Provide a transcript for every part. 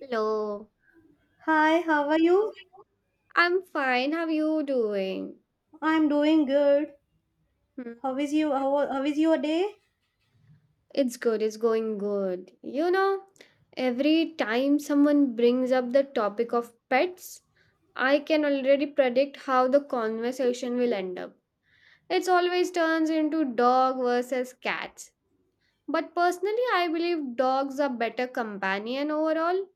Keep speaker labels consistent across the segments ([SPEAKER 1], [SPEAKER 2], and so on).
[SPEAKER 1] Hello,
[SPEAKER 2] Hi, how are you?
[SPEAKER 1] I'm fine. How are you doing?
[SPEAKER 2] I'm doing good.
[SPEAKER 1] Hmm.
[SPEAKER 2] How is you? How is your day?
[SPEAKER 1] It's good, it's going good. Every time someone brings up the topic of pets, I can already predict how the conversation will end up. It always turns into dog versus cats. But personally, I believe dogs are better companion overall.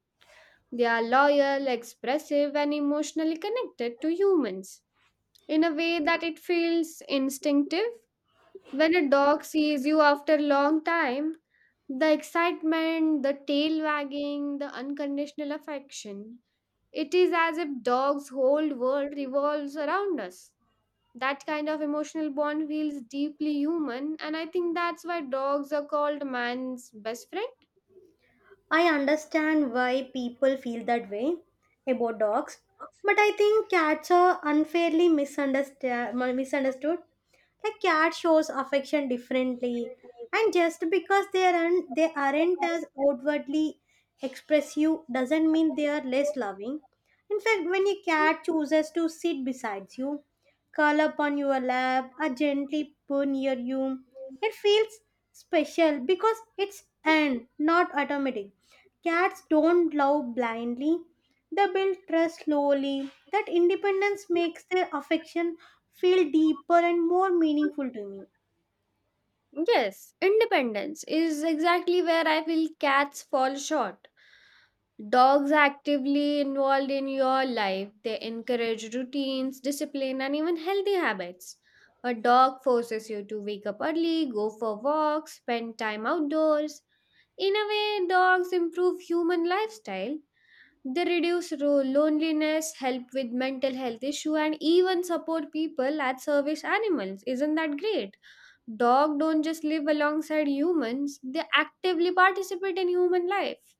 [SPEAKER 1] They are loyal, expressive, and emotionally connected to humans in a way that it feels instinctive. When a dog sees you after a long time, the excitement, the tail wagging, the unconditional affection, it is as if dog's whole world revolves around us. That kind of emotional bond feels deeply human, and I think that's why dogs are called man's best friend.
[SPEAKER 2] I understand why people feel that way about dogs, but I think cats are unfairly misunderstood. Like cat shows affection differently, and just because they aren't as outwardly expressive doesn't mean they are less loving. In fact, when a cat chooses to sit beside you, curl up on your lap, or gently purr near you, it feels special because it's earned, not automatic. Cats don't love blindly, they build trust slowly. That independence makes their affection feel deeper and more meaningful to me.
[SPEAKER 1] Yes, independence is exactly where I feel cats fall short. Dogs actively involved in your life. They encourage routines, discipline, and even healthy habits. A dog forces you to wake up early, go for walks, spend time outdoors. In a way, dogs improve human lifestyle. They reduce loneliness, help with mental health issue, and even support people as service animals. Isn't that great? Dog don't just live alongside humans; they actively participate in human life.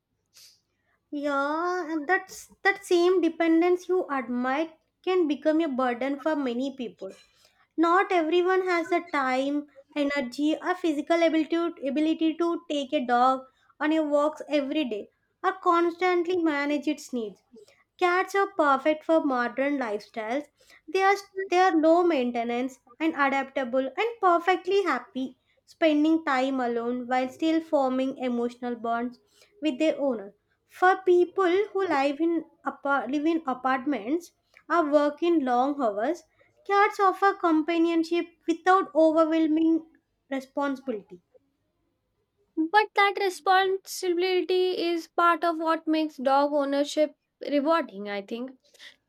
[SPEAKER 2] Yeah, and that same dependence you admire can become a burden for many people. Not everyone has the time, energy, or physical ability to take a dog on a walk every day or constantly manage its needs. Cats are perfect for modern lifestyles. They are, they are low maintenance and adaptable and perfectly happy spending time alone while still forming emotional bonds with their owner. For people who live in apartments or work in long hours, cats offer companionship without overwhelming responsibility.
[SPEAKER 1] But that responsibility is part of what makes dog ownership rewarding, I think.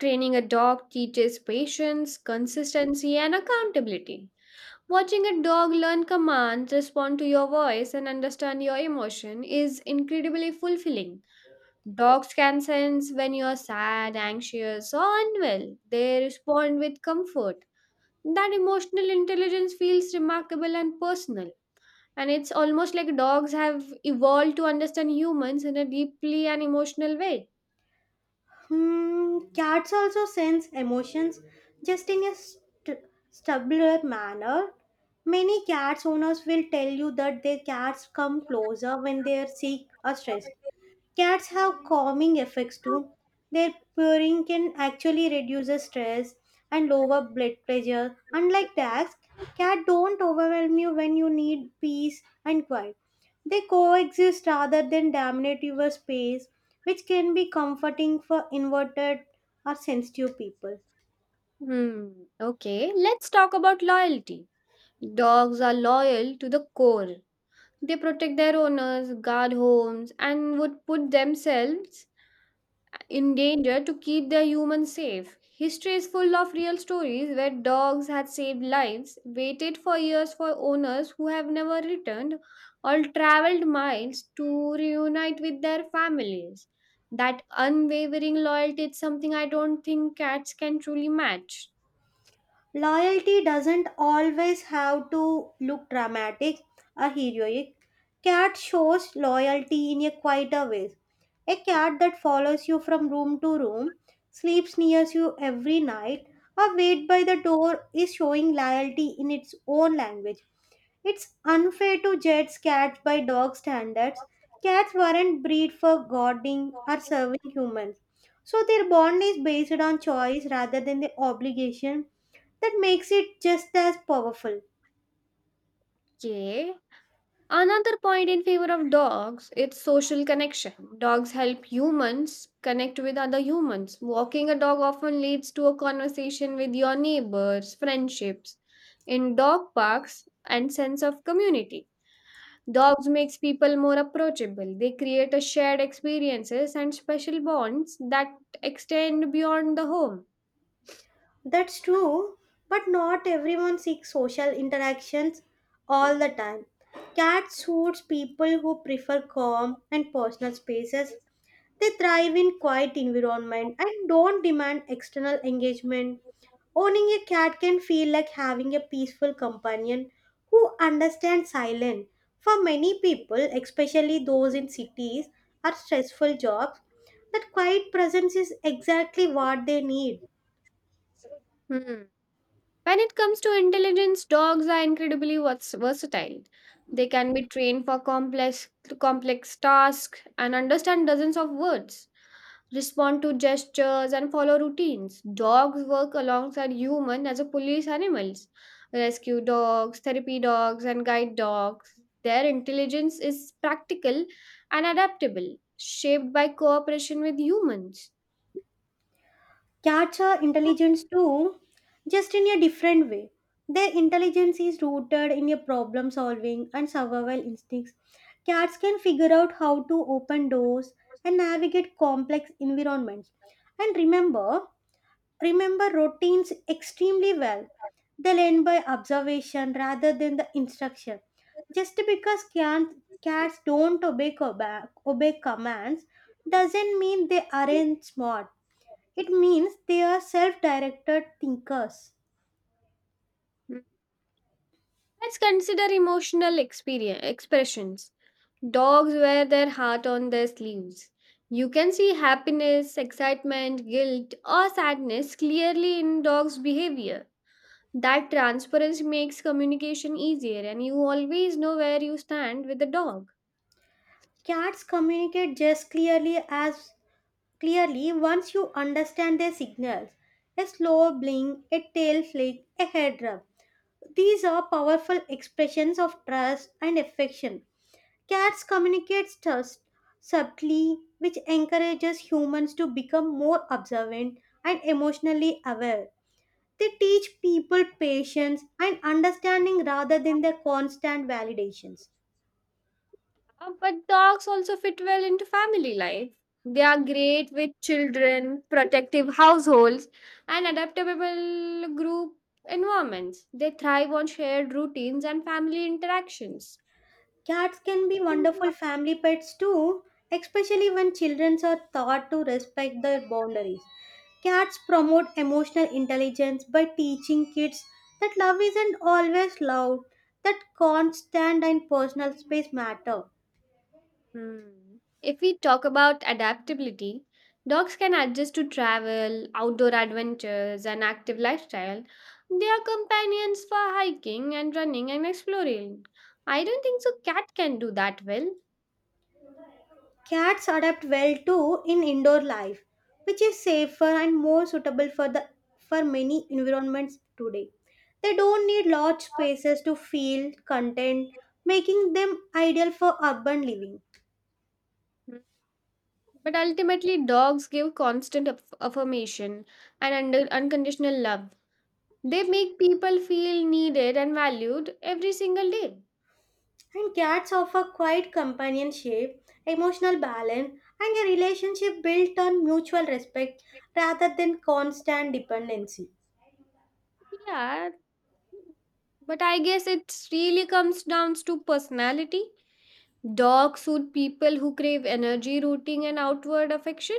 [SPEAKER 1] Training a dog teaches patience, consistency, and accountability. Watching a dog learn commands, respond to your voice, and understand your emotion is incredibly fulfilling. Dogs can sense when you're sad, anxious, or unwell. They respond with comfort. That emotional intelligence feels remarkable and personal. And it's almost like dogs have evolved to understand humans in a deeply and emotional way.
[SPEAKER 2] Cats also sense emotions, just in a subtler manner. Many cats owners will tell you that their cats come closer when they are sick or stressed. Cats have calming effects too. Their purring can actually reduce the stress and lower blood pressure. Unlike dogs, cats don't overwhelm you when you need peace and quiet. They coexist rather than dominate your space, which can be comforting for inverted or sensitive people.
[SPEAKER 1] Hmm. Okay, let's talk about loyalty. Dogs are loyal to the core. They protect their owners, guard homes, and would put themselves in danger to keep their humans safe. History is full of real stories where dogs had saved lives, waited for years for owners who have never returned, or traveled miles to reunite with their families. That unwavering loyalty is something I don't think cats can truly match.
[SPEAKER 2] Loyalty doesn't always have to look dramatic or heroic. Cat shows loyalty in a quieter way. A cat that follows you from room to room, sleeps near you every night, or waits by the door is showing loyalty in its own language. It's unfair to judge cats by dog standards. Cats weren't bred for guarding or serving humans. So their bond is based on choice rather than the obligation. That makes it just as powerful.
[SPEAKER 1] Okay, another point in favor of dogs its social connection. Dogs help humans connect with other humans. Walking a dog often leads to a conversation with your neighbors, friendships in dog parks, and sense of community. Dogs makes people more approachable. They create a shared experiences and special bonds that extend beyond the home.
[SPEAKER 2] That's true, but not everyone seeks social interactions all the time. Cats suits people who prefer calm and personal spaces. They thrive in quiet environment and don't demand external engagement. Owning a cat can feel like having a peaceful companion who understands silence. For many people, especially those in cities or stressful jobs, that quiet presence is exactly what they need.
[SPEAKER 1] Hmm. When it comes to intelligence, dogs are incredibly versatile. They can be trained for complex tasks and understand dozens of words, respond to gestures and follow routines. Dogs work alongside humans as a police animals, rescue dogs, therapy dogs and guide dogs. Their intelligence is practical and adaptable, shaped by cooperation with humans.
[SPEAKER 2] Cats are intelligent too, just in a different way. Their intelligence is rooted in a problem solving and survival instincts. Cats can figure out how to open doors and navigate complex environments. And remember routines extremely well. They learn by observation rather than the instruction. Just because cats don't obey commands doesn't mean they aren't smart. It means they are self directed thinkers.
[SPEAKER 1] Hmm, Let's consider emotional experience expressions. Dogs wear their heart on their sleeves. You can see happiness, excitement, guilt, or sadness clearly in dogs' behavior. That transparency makes communication easier, and you always know where you stand with the dog.
[SPEAKER 2] Cats communicate just clearly as clearly once you understand their signals. A slow blink, a tail flick, a head rub. These are powerful expressions of trust and affection. Cats communicate subtly, which encourages humans to become more observant and emotionally aware. They teach people patience and understanding rather than their constant validations.
[SPEAKER 1] But dogs also fit well into family life. They are great with children, protective households, and adaptable group environments. They thrive on shared routines and family interactions.
[SPEAKER 2] Cats can be wonderful family pets too, especially when children are taught to respect their boundaries. Cats promote emotional intelligence by teaching kids that love isn't always loud, that constant and personal space matter.
[SPEAKER 1] Hmm. If we talk about adaptability, dogs can adjust to travel, outdoor adventures, and active lifestyle. They are companions for hiking and running and exploring. I don't think so cat can do that well.
[SPEAKER 2] Cats adapt well too in indoor life, which is safer and more suitable for many environments today. They don't need large spaces to feel content, making them ideal for urban living.
[SPEAKER 1] Mm. But ultimately, dogs give constant affirmation and unconditional love. They make people feel needed and valued every single day.
[SPEAKER 2] And cats offer quiet companionship, emotional balance, and a relationship built on mutual respect rather than constant dependency.
[SPEAKER 1] Yeah, but I guess it really comes down to personality. Dogs suit people who crave energy, rooting, and outward affection.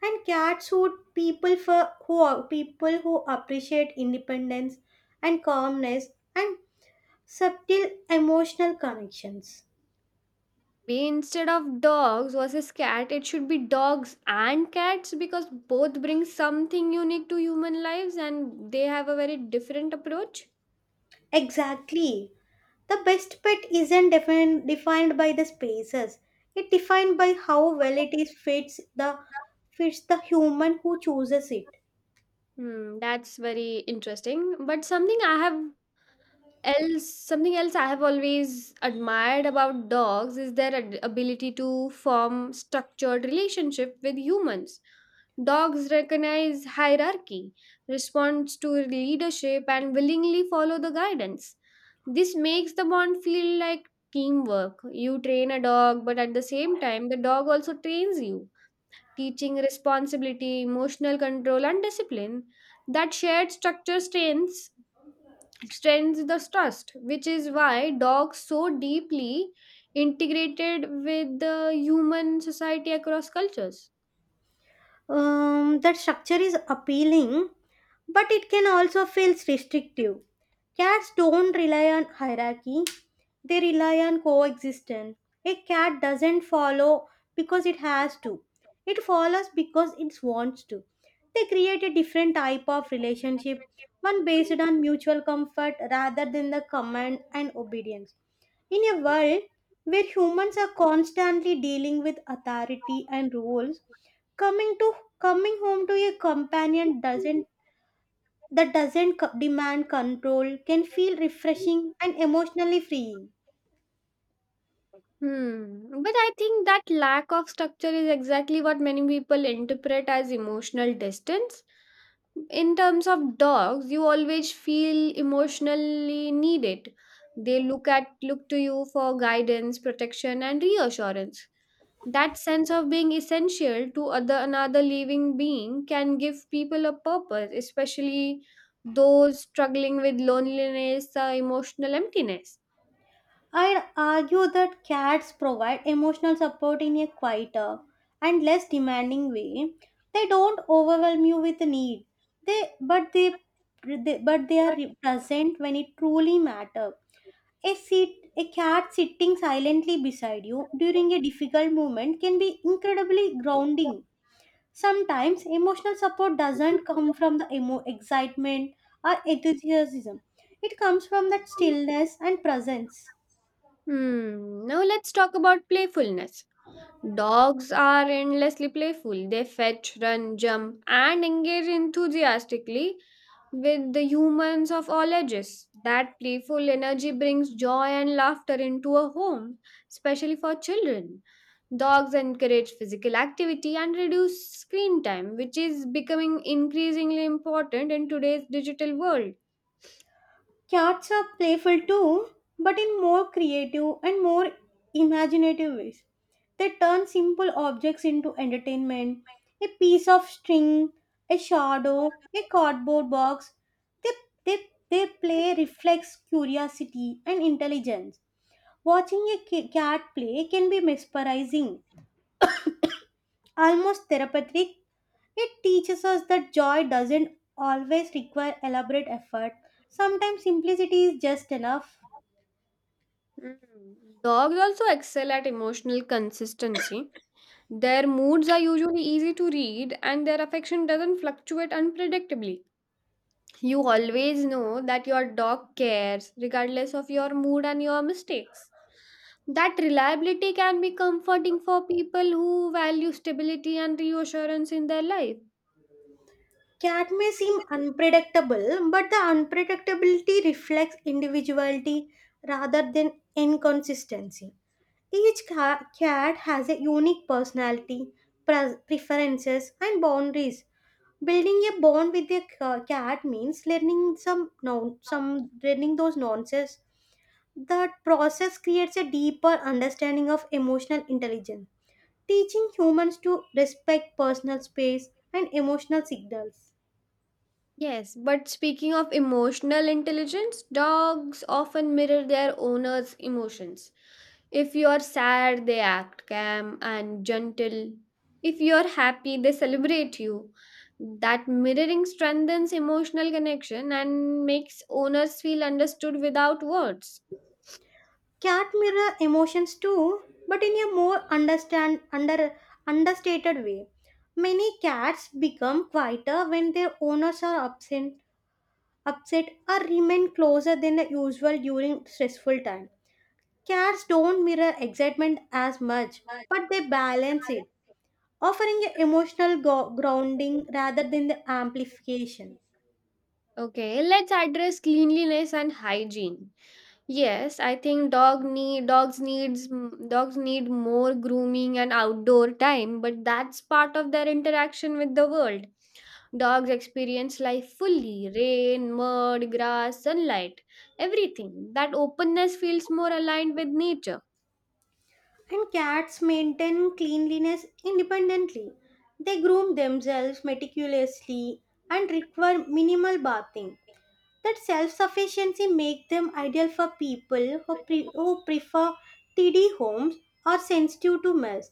[SPEAKER 2] And cats would people for who are people who appreciate independence and calmness and subtle emotional connections.
[SPEAKER 1] We instead of dogs versus cat, it should be dogs and cats because both bring something unique to human lives and they have a very different approach.
[SPEAKER 2] Exactly, the best pet isn't defined by the spaces, it defined by how well it is fits the human who chooses it.
[SPEAKER 1] Hmm, that's very interesting. But something else I have always admired about dogs is their ability to form structured relationship with humans. Dogs recognize hierarchy, responds to leadership and willingly follow the guidance. This makes the bond feel like teamwork. You train a dog, but at the same time the dog also trains you, teaching responsibility, emotional control and discipline. That shared structure strengthens the trust, which is why dogs so deeply integrated with the human society across cultures.
[SPEAKER 2] That structure is appealing, but it can also feel restrictive. Cats don't rely on hierarchy, they rely on coexistence. A cat doesn't follow because it has to. It follows because it wants to. They create a different type of relationship, one based on mutual comfort rather than the command and obedience. In a world where humans are constantly dealing with authority and rules, coming to coming home to a companion doesn't that doesn't co- demand control can feel refreshing and emotionally freeing.
[SPEAKER 1] Hmm. But I think that lack of structure is exactly what many people interpret as emotional distance. In terms of dogs, you always feel emotionally needed. They look to you for guidance, protection and reassurance. That sense of being essential to other another living being can give people a purpose, especially those struggling with loneliness or emotional emptiness.
[SPEAKER 2] I'd argue that cats provide emotional support in a quieter and less demanding way. They don't overwhelm you with need. They but they, they are present when it truly matters. A sit a cat sitting silently beside you during a difficult moment can be incredibly grounding. Sometimes emotional support doesn't come from the excitement or enthusiasm. It comes from that stillness and presence.
[SPEAKER 1] Now let's talk about playfulness. Dogs are endlessly playful. They fetch, run, jump, and engage enthusiastically with the humans of all ages. That playful energy brings joy and laughter into a home, especially for children. Dogs encourage physical activity and reduce screen time, which is becoming increasingly important in today's digital world.
[SPEAKER 2] Cats are playful too, but in more creative and more imaginative ways. They turn simple objects into entertainment: a piece of string, a shadow, a cardboard box. They, they, they play reflects curiosity and intelligence. Watching a cat play can be mesmerizing, almost therapeutic. It teaches us that joy doesn't always require elaborate effort. Sometimes simplicity is just enough.
[SPEAKER 1] Mm. Dogs also excel at emotional consistency. Their moods are usually easy to read, and their affection doesn't fluctuate unpredictably. You always know that your dog cares, regardless of your mood and your mistakes. That reliability can be comforting for people who value stability and reassurance in their life.
[SPEAKER 2] Cat may seem unpredictable, but the unpredictability reflects individuality rather than inconsistency. Each cat has a unique personality, preferences, and boundaries. Building a bond with a cat means learning some non- some learning those nuances. That process creates a deeper understanding of emotional intelligence, teaching humans to respect personal space and emotional signals.
[SPEAKER 1] Yes, but speaking of emotional intelligence, dogs often mirror their owner's emotions. If you're sad, they act calm and gentle. If you're happy, they celebrate you. That mirroring strengthens emotional connection and makes owners feel understood without words.
[SPEAKER 2] Cat mirror emotions too, but in a more understand under understated way. Many cats become quieter when their owners are absent, upset or remain closer than the usual during stressful time. Cats don't mirror excitement as much, but they balance it, offering an emotional grounding rather than the amplification.
[SPEAKER 1] Okay, let's address cleanliness and hygiene. Yes, I think dogs needs dogs need more grooming and outdoor time, but that's part of their interaction with the world. Dogs experience life fully, rain, mud, grass, sunlight, everything. That openness feels more aligned with nature.
[SPEAKER 2] And cats maintain cleanliness independently. They groom themselves meticulously and require minimal bathing. That self sufficiency makes them ideal for people who prefer tidy homes or sensitive to mess.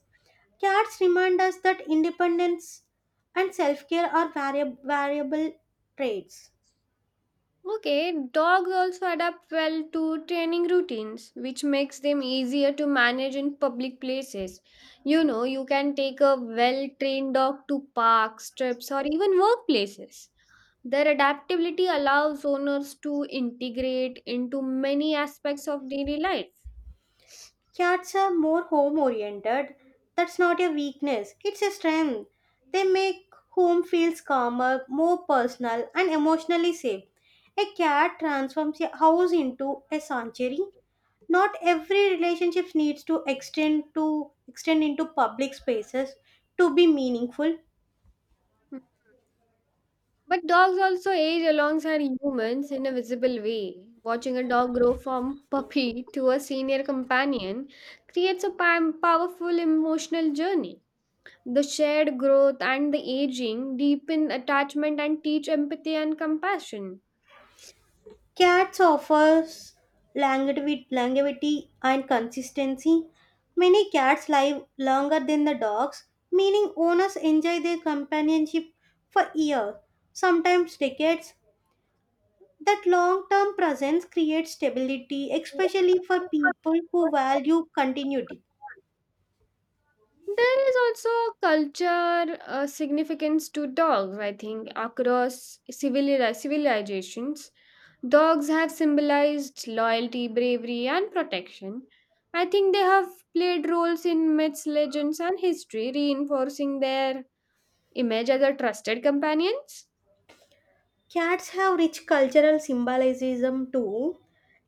[SPEAKER 2] Cats remind us that independence and self care are variable traits.
[SPEAKER 1] Okay, dogs also adapt well to training routines, which makes them easier to manage in public places. You can take a well trained dog to parks, trips, or even workplaces. Their adaptability allows owners to integrate into many aspects of daily life.
[SPEAKER 2] Cats are more home oriented. That's not a weakness, it's a strength. They make home feels calmer, more personal, and emotionally safe. A cat transforms a house into a sanctuary. Not every relationship needs to extend into public spaces to be meaningful.
[SPEAKER 1] But dogs also age alongside humans in a visible way. Watching a dog grow from puppy to a senior companion creates a powerful emotional journey. The shared growth and the aging deepen attachment and teach empathy and compassion.
[SPEAKER 2] Cats offers longevity and consistency. Many cats live longer than the dogs, meaning owners enjoy their companionship for years, sometimes decades. That long-term presence creates stability, especially for people who value continuity.
[SPEAKER 1] There is also a culture significance to dogs, I think, across civilizations. Dogs have symbolized loyalty, bravery, and protection. I think they have played roles in myths, legends, and history, reinforcing their image as a trusted companions.
[SPEAKER 2] Cats have rich cultural symbolism too.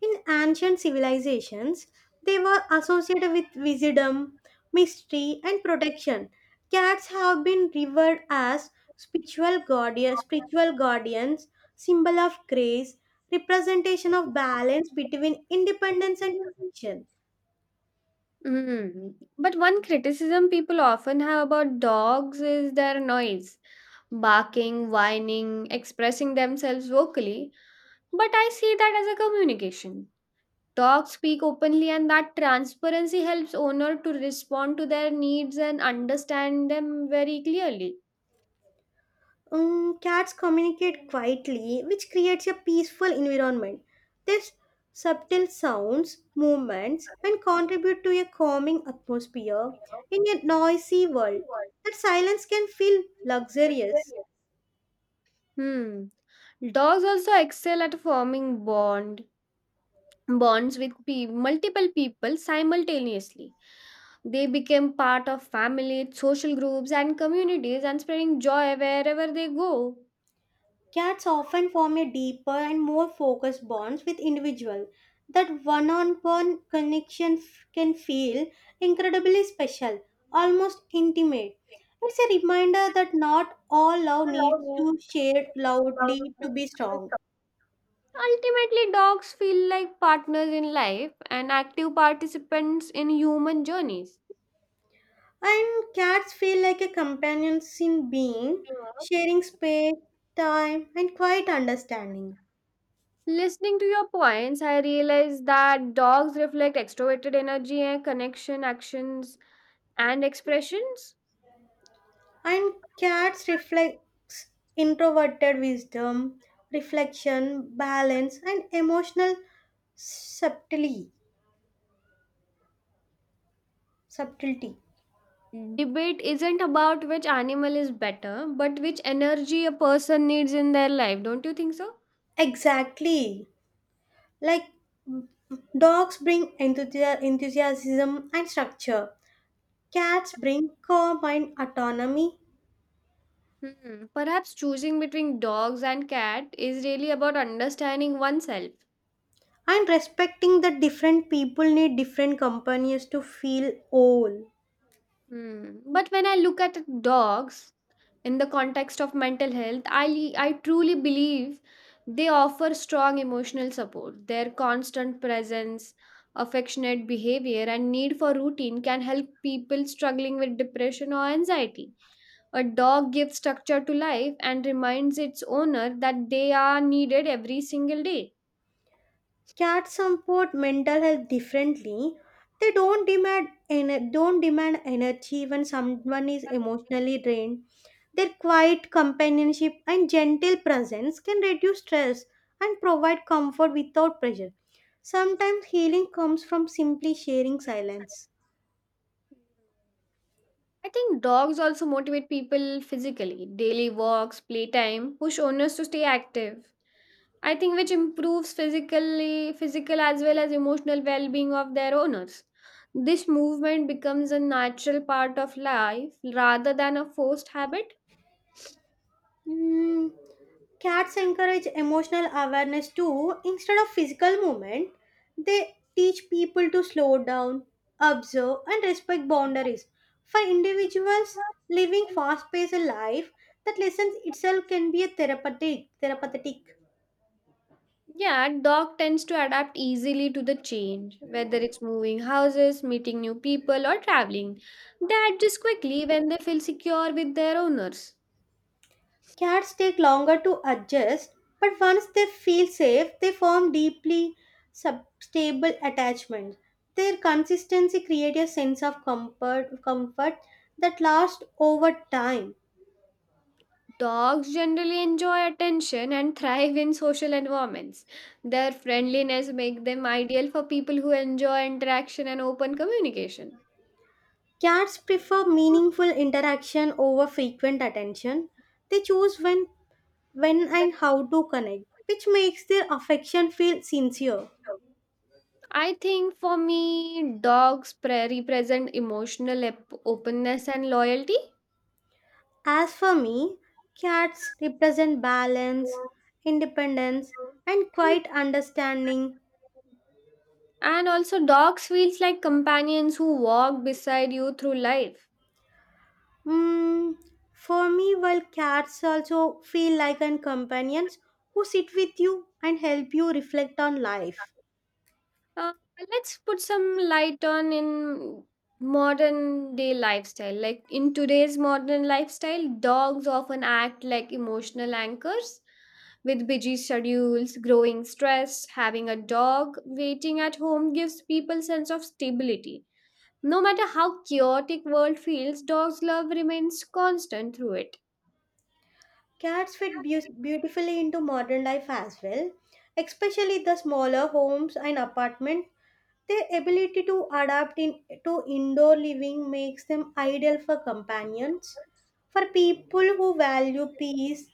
[SPEAKER 2] In ancient civilizations, they were associated with wisdom, mystery, and protection. Cats have been revered as spiritual guardians, symbol of grace, representation of balance between independence and tradition.
[SPEAKER 1] Mm. But one criticism people often have about dogs is their noise, barking, whining, expressing themselves vocally. But I see that as a communication. Dogs speak openly, and that transparency helps owner to respond to their needs and understand them very clearly.
[SPEAKER 2] Cats communicate quietly, which creates a peaceful environment. Their subtle sounds, movements, and contribute to a calming atmosphere in a noisy world. That silence can feel luxurious.
[SPEAKER 1] Hmm. Dogs also excel at forming bonds with multiple people simultaneously. They became part of families, social groups, and communities and spreading joy wherever they go.
[SPEAKER 2] Cats often form a deeper and more focused bonds with individuals. That one-on-one connection can feel incredibly special, almost intimate. It's a reminder that not all love needs to share loudly to be strong.
[SPEAKER 1] Ultimately, dogs feel like partners in life and active participants in human journeys.
[SPEAKER 2] And cats feel like a companions in being,
[SPEAKER 1] Yeah.
[SPEAKER 2] sharing space, time, and quiet understanding.
[SPEAKER 1] Listening to your points, I realized that dogs reflect extroverted energy and connection, actions, and expressions.
[SPEAKER 2] And cats reflects introverted wisdom, reflection, balance, and emotional subtlety. subtlety.
[SPEAKER 1] Debate isn't about which animal is better, but which energy a person needs in their life. Don't you think so?
[SPEAKER 2] Exactly. Like dogs bring enthusiasm and structure. Cats bring calm and autonomy.
[SPEAKER 1] Hmm. Perhaps choosing between dogs and cat is really about understanding oneself.
[SPEAKER 2] And respecting the different people need different companions to feel whole.
[SPEAKER 1] Hmm. But when I look at dogs in the context of mental health, I truly believe they offer strong emotional support. Their constant presence, affectionate behavior, and need for routine can help people struggling with depression or anxiety. A dog gives structure to life and reminds its owner that they are needed every single day.
[SPEAKER 2] Cats support mental health differently. They don't demand energy when someone is emotionally drained. Their quiet companionship and gentle presence can reduce stress and provide comfort without pressure. Sometimes healing comes from simply sharing silence.
[SPEAKER 1] I think dogs also motivate people physically. Daily walks, playtime push owners to stay active. I think which improves physical as well as emotional well-being of their owners. This movement becomes a natural part of life rather than a forced habit.
[SPEAKER 2] Mm, Cats encourage emotional awareness too. Instead of physical movement, they teach people to slow down, observe, and respect boundaries. For individuals living fast-paced life, that lessons itself can be a therapeutic.
[SPEAKER 1] Yeah, dog tends to adapt easily to the change, whether it's moving houses, meeting new people, or traveling. They adjust quickly when they feel secure with their owners.
[SPEAKER 2] Cats take longer to adjust, but once they feel safe, they form deeply stable attachments. Their consistency creates a sense of comfort that lasts over time.
[SPEAKER 1] Dogs generally enjoy attention and thrive in social environments. Their friendliness makes them ideal for people who enjoy interaction and open communication.
[SPEAKER 2] Cats prefer meaningful interaction over frequent attention. They choose when and how to connect, which makes their affection feel sincere.
[SPEAKER 1] I think for me, dogs represent emotional openness and loyalty.
[SPEAKER 2] As for me, cats represent balance, independence, and quiet understanding.
[SPEAKER 1] And also, dogs feels like companions who walk beside you through life.
[SPEAKER 2] Mm, for me, while cats also feel like an companions who sit with you and help you reflect on life.
[SPEAKER 1] Uh, let's put some light on in modern day lifestyle. Like in today's modern lifestyle, dogs often act like emotional anchors. With busy schedules, growing stress, having a dog waiting at home gives people sense of stability. No matter how chaotic world feels, dog's love remains constant through it.
[SPEAKER 2] Cats fit beautifully into modern life as well, especially the smaller homes and apartments. Their ability to adapt to indoor living makes them ideal for companions. For people who value peace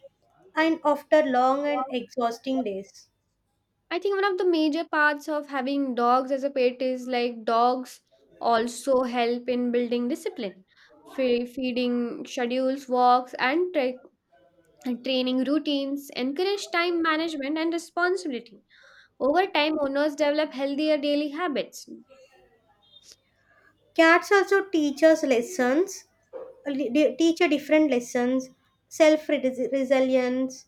[SPEAKER 2] and after long and
[SPEAKER 1] Wow.
[SPEAKER 2] exhausting days.
[SPEAKER 1] I think one of the major parts of having dogs as a pet is like dogs also help in building discipline, feeding schedules, walks, and training routines, encourage time management and responsibility. Over time, owners develop healthier daily habits.
[SPEAKER 2] Cats also teach a different lessons: self resilience,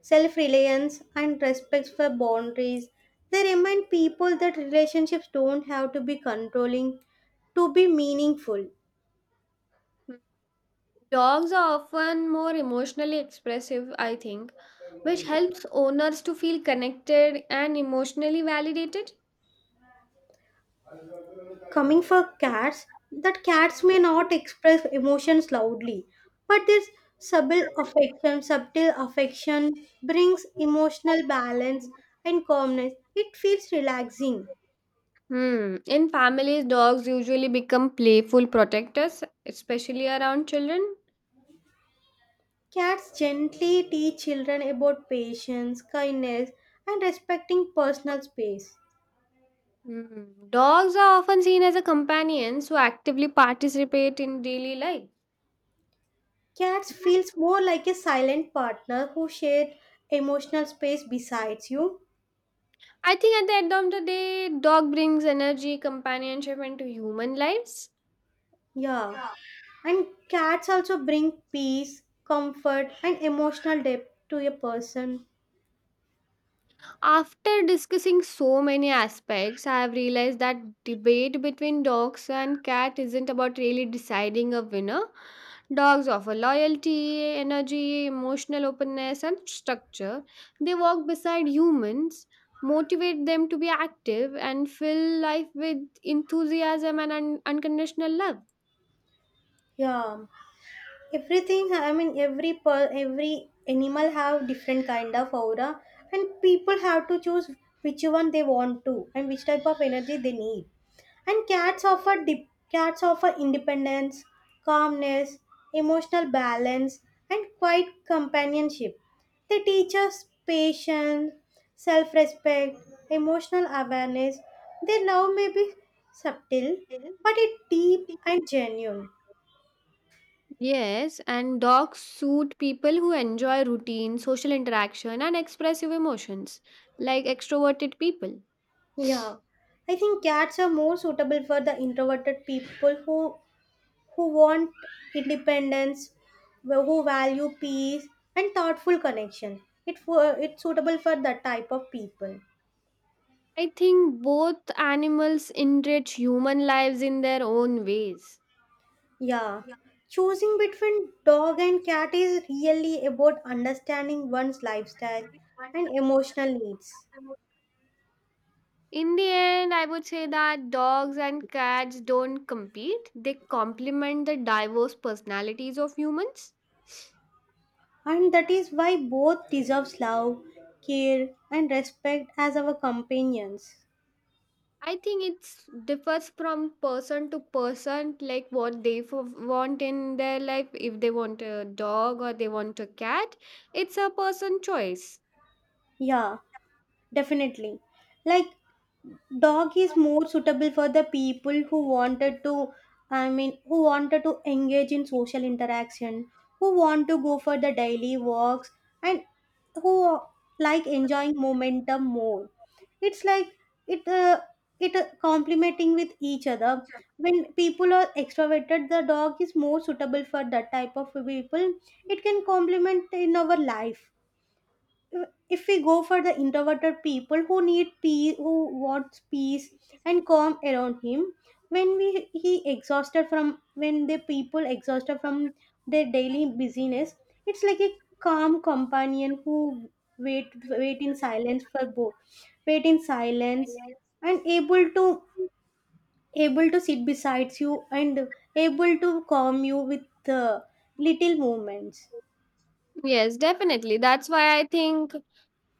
[SPEAKER 2] self reliance, and respect for boundaries. They remind people that relationships don't have to be controlling to be meaningful.
[SPEAKER 1] Dogs are often more emotionally expressive, I think, which helps owners to feel connected and emotionally validated.
[SPEAKER 2] Coming for cats, that cats may not express emotions loudly, but this subtle affection brings emotional balance and calmness. It feels relaxing.
[SPEAKER 1] Hmm. In families, dogs usually become playful protectors, especially around children.
[SPEAKER 2] Cats gently teach children about patience, kindness, and respecting personal space.
[SPEAKER 1] Hmm. Dogs are often seen as a companions who actively participate in daily life.
[SPEAKER 2] Cats feels more like a silent partner who share emotional space besides you.
[SPEAKER 1] I think at the end of the day, dog brings energy, companionship into human lives.
[SPEAKER 2] Yeah. And cats also bring peace, comfort, and emotional depth to a person.
[SPEAKER 1] After discussing so many aspects, I have realized that debate between dogs and cat isn't about really deciding a winner. Dogs offer loyalty, energy, emotional openness, and structure. They walk beside humans, motivate them to be active, and fill life with enthusiasm and unconditional love.
[SPEAKER 2] Yeah. Everything I mean, every animal have different kind of aura, and people have to choose which one they want to and which type of energy they need. And cats offer independence, calmness, emotional balance, and quiet companionship. They teach us patience, self-respect, emotional awareness. Their love may be subtle, but it's deep and genuine.
[SPEAKER 1] Yes, and dogs suit people who enjoy routine, social interaction, and expressive emotions, like extroverted people.
[SPEAKER 2] Yeah, I think cats are more suitable for the introverted people who want independence, who value peace and thoughtful connection. It's suitable for that type of people.
[SPEAKER 1] I think both animals enrich human lives in their own ways.
[SPEAKER 2] Yeah. Choosing between dog and cat is really about understanding one's lifestyle and emotional needs.
[SPEAKER 1] In the end, I would say that dogs and cats don't compete, they complement the diverse personalities of humans.
[SPEAKER 2] And that is why both deserves love, care and respect as our companions.
[SPEAKER 1] I think it's differs from person to person, like what they want in their life. If they want a dog or they want a cat, it's a person choice.
[SPEAKER 2] Yeah, definitely. Like dog is more suitable for the people who wanted to engage in social interaction, who want to go for the daily walks, and who like enjoying momentum more. It's like, it it complementing with each other. When people are extroverted, the dog is more suitable for that type of people. It can complement in our life. If we go for the introverted people who need peace, who wants peace and calm around him, when we he exhausted from when the people exhausted from their daily busyness, it's like a calm companion who wait wait in silence for both wait in silence, and able to sit beside you and able to calm you with uh, little movements.
[SPEAKER 1] Yes, definitely. That's why I think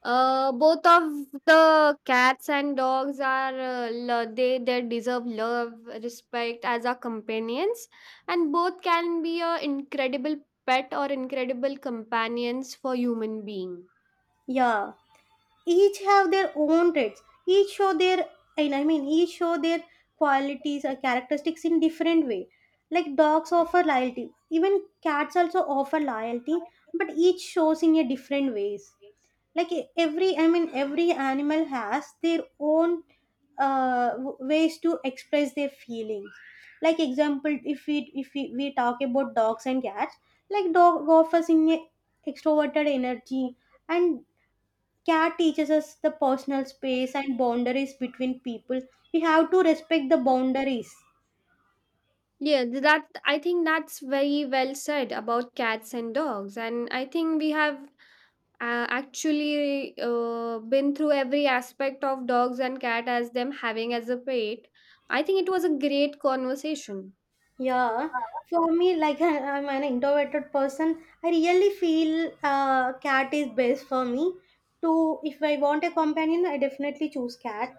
[SPEAKER 1] both of the cats and dogs are they deserve love, respect as our companions, and both can be a incredible pet or incredible companions for human being.
[SPEAKER 2] Yeah, each have their own traits, each show their qualities or characteristics in different way. Like dogs offer loyalty, even cats also offer loyalty, but each shows in a different ways. Like e- every I mean every animal has their own ways to express their feelings. Like example, if we talk about dogs and cats, like dog offers in a extroverted energy, and care teaches us the personal space and boundaries between people. We have to respect the boundaries.
[SPEAKER 1] Yeah, that I think that's very well said about cats and dogs, and I think we have actually been through every aspect of dogs and cat as them having as a pet. I think it was a great conversation.
[SPEAKER 2] Yeah, for me, like I am an introverted person, I really feel cat is best for me. To if I want a companion, I definitely choose cat.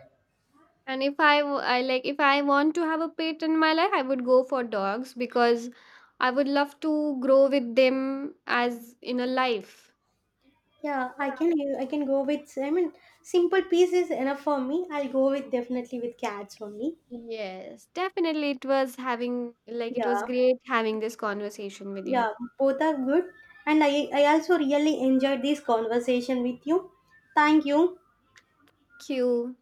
[SPEAKER 1] And if I, I like, if I want to have a pet in my life, I would go for dogs because I would love to grow with them as in a life.
[SPEAKER 2] Yeah, I can go with, I mean, simple piece is enough for me. I'll go with definitely with cats only.
[SPEAKER 1] Yes, definitely. It was having like it was
[SPEAKER 2] Yeah.
[SPEAKER 1] great having this conversation with you.
[SPEAKER 2] Yeah, both are good. And I also really enjoyed this conversation with you. Thank you.
[SPEAKER 1] Q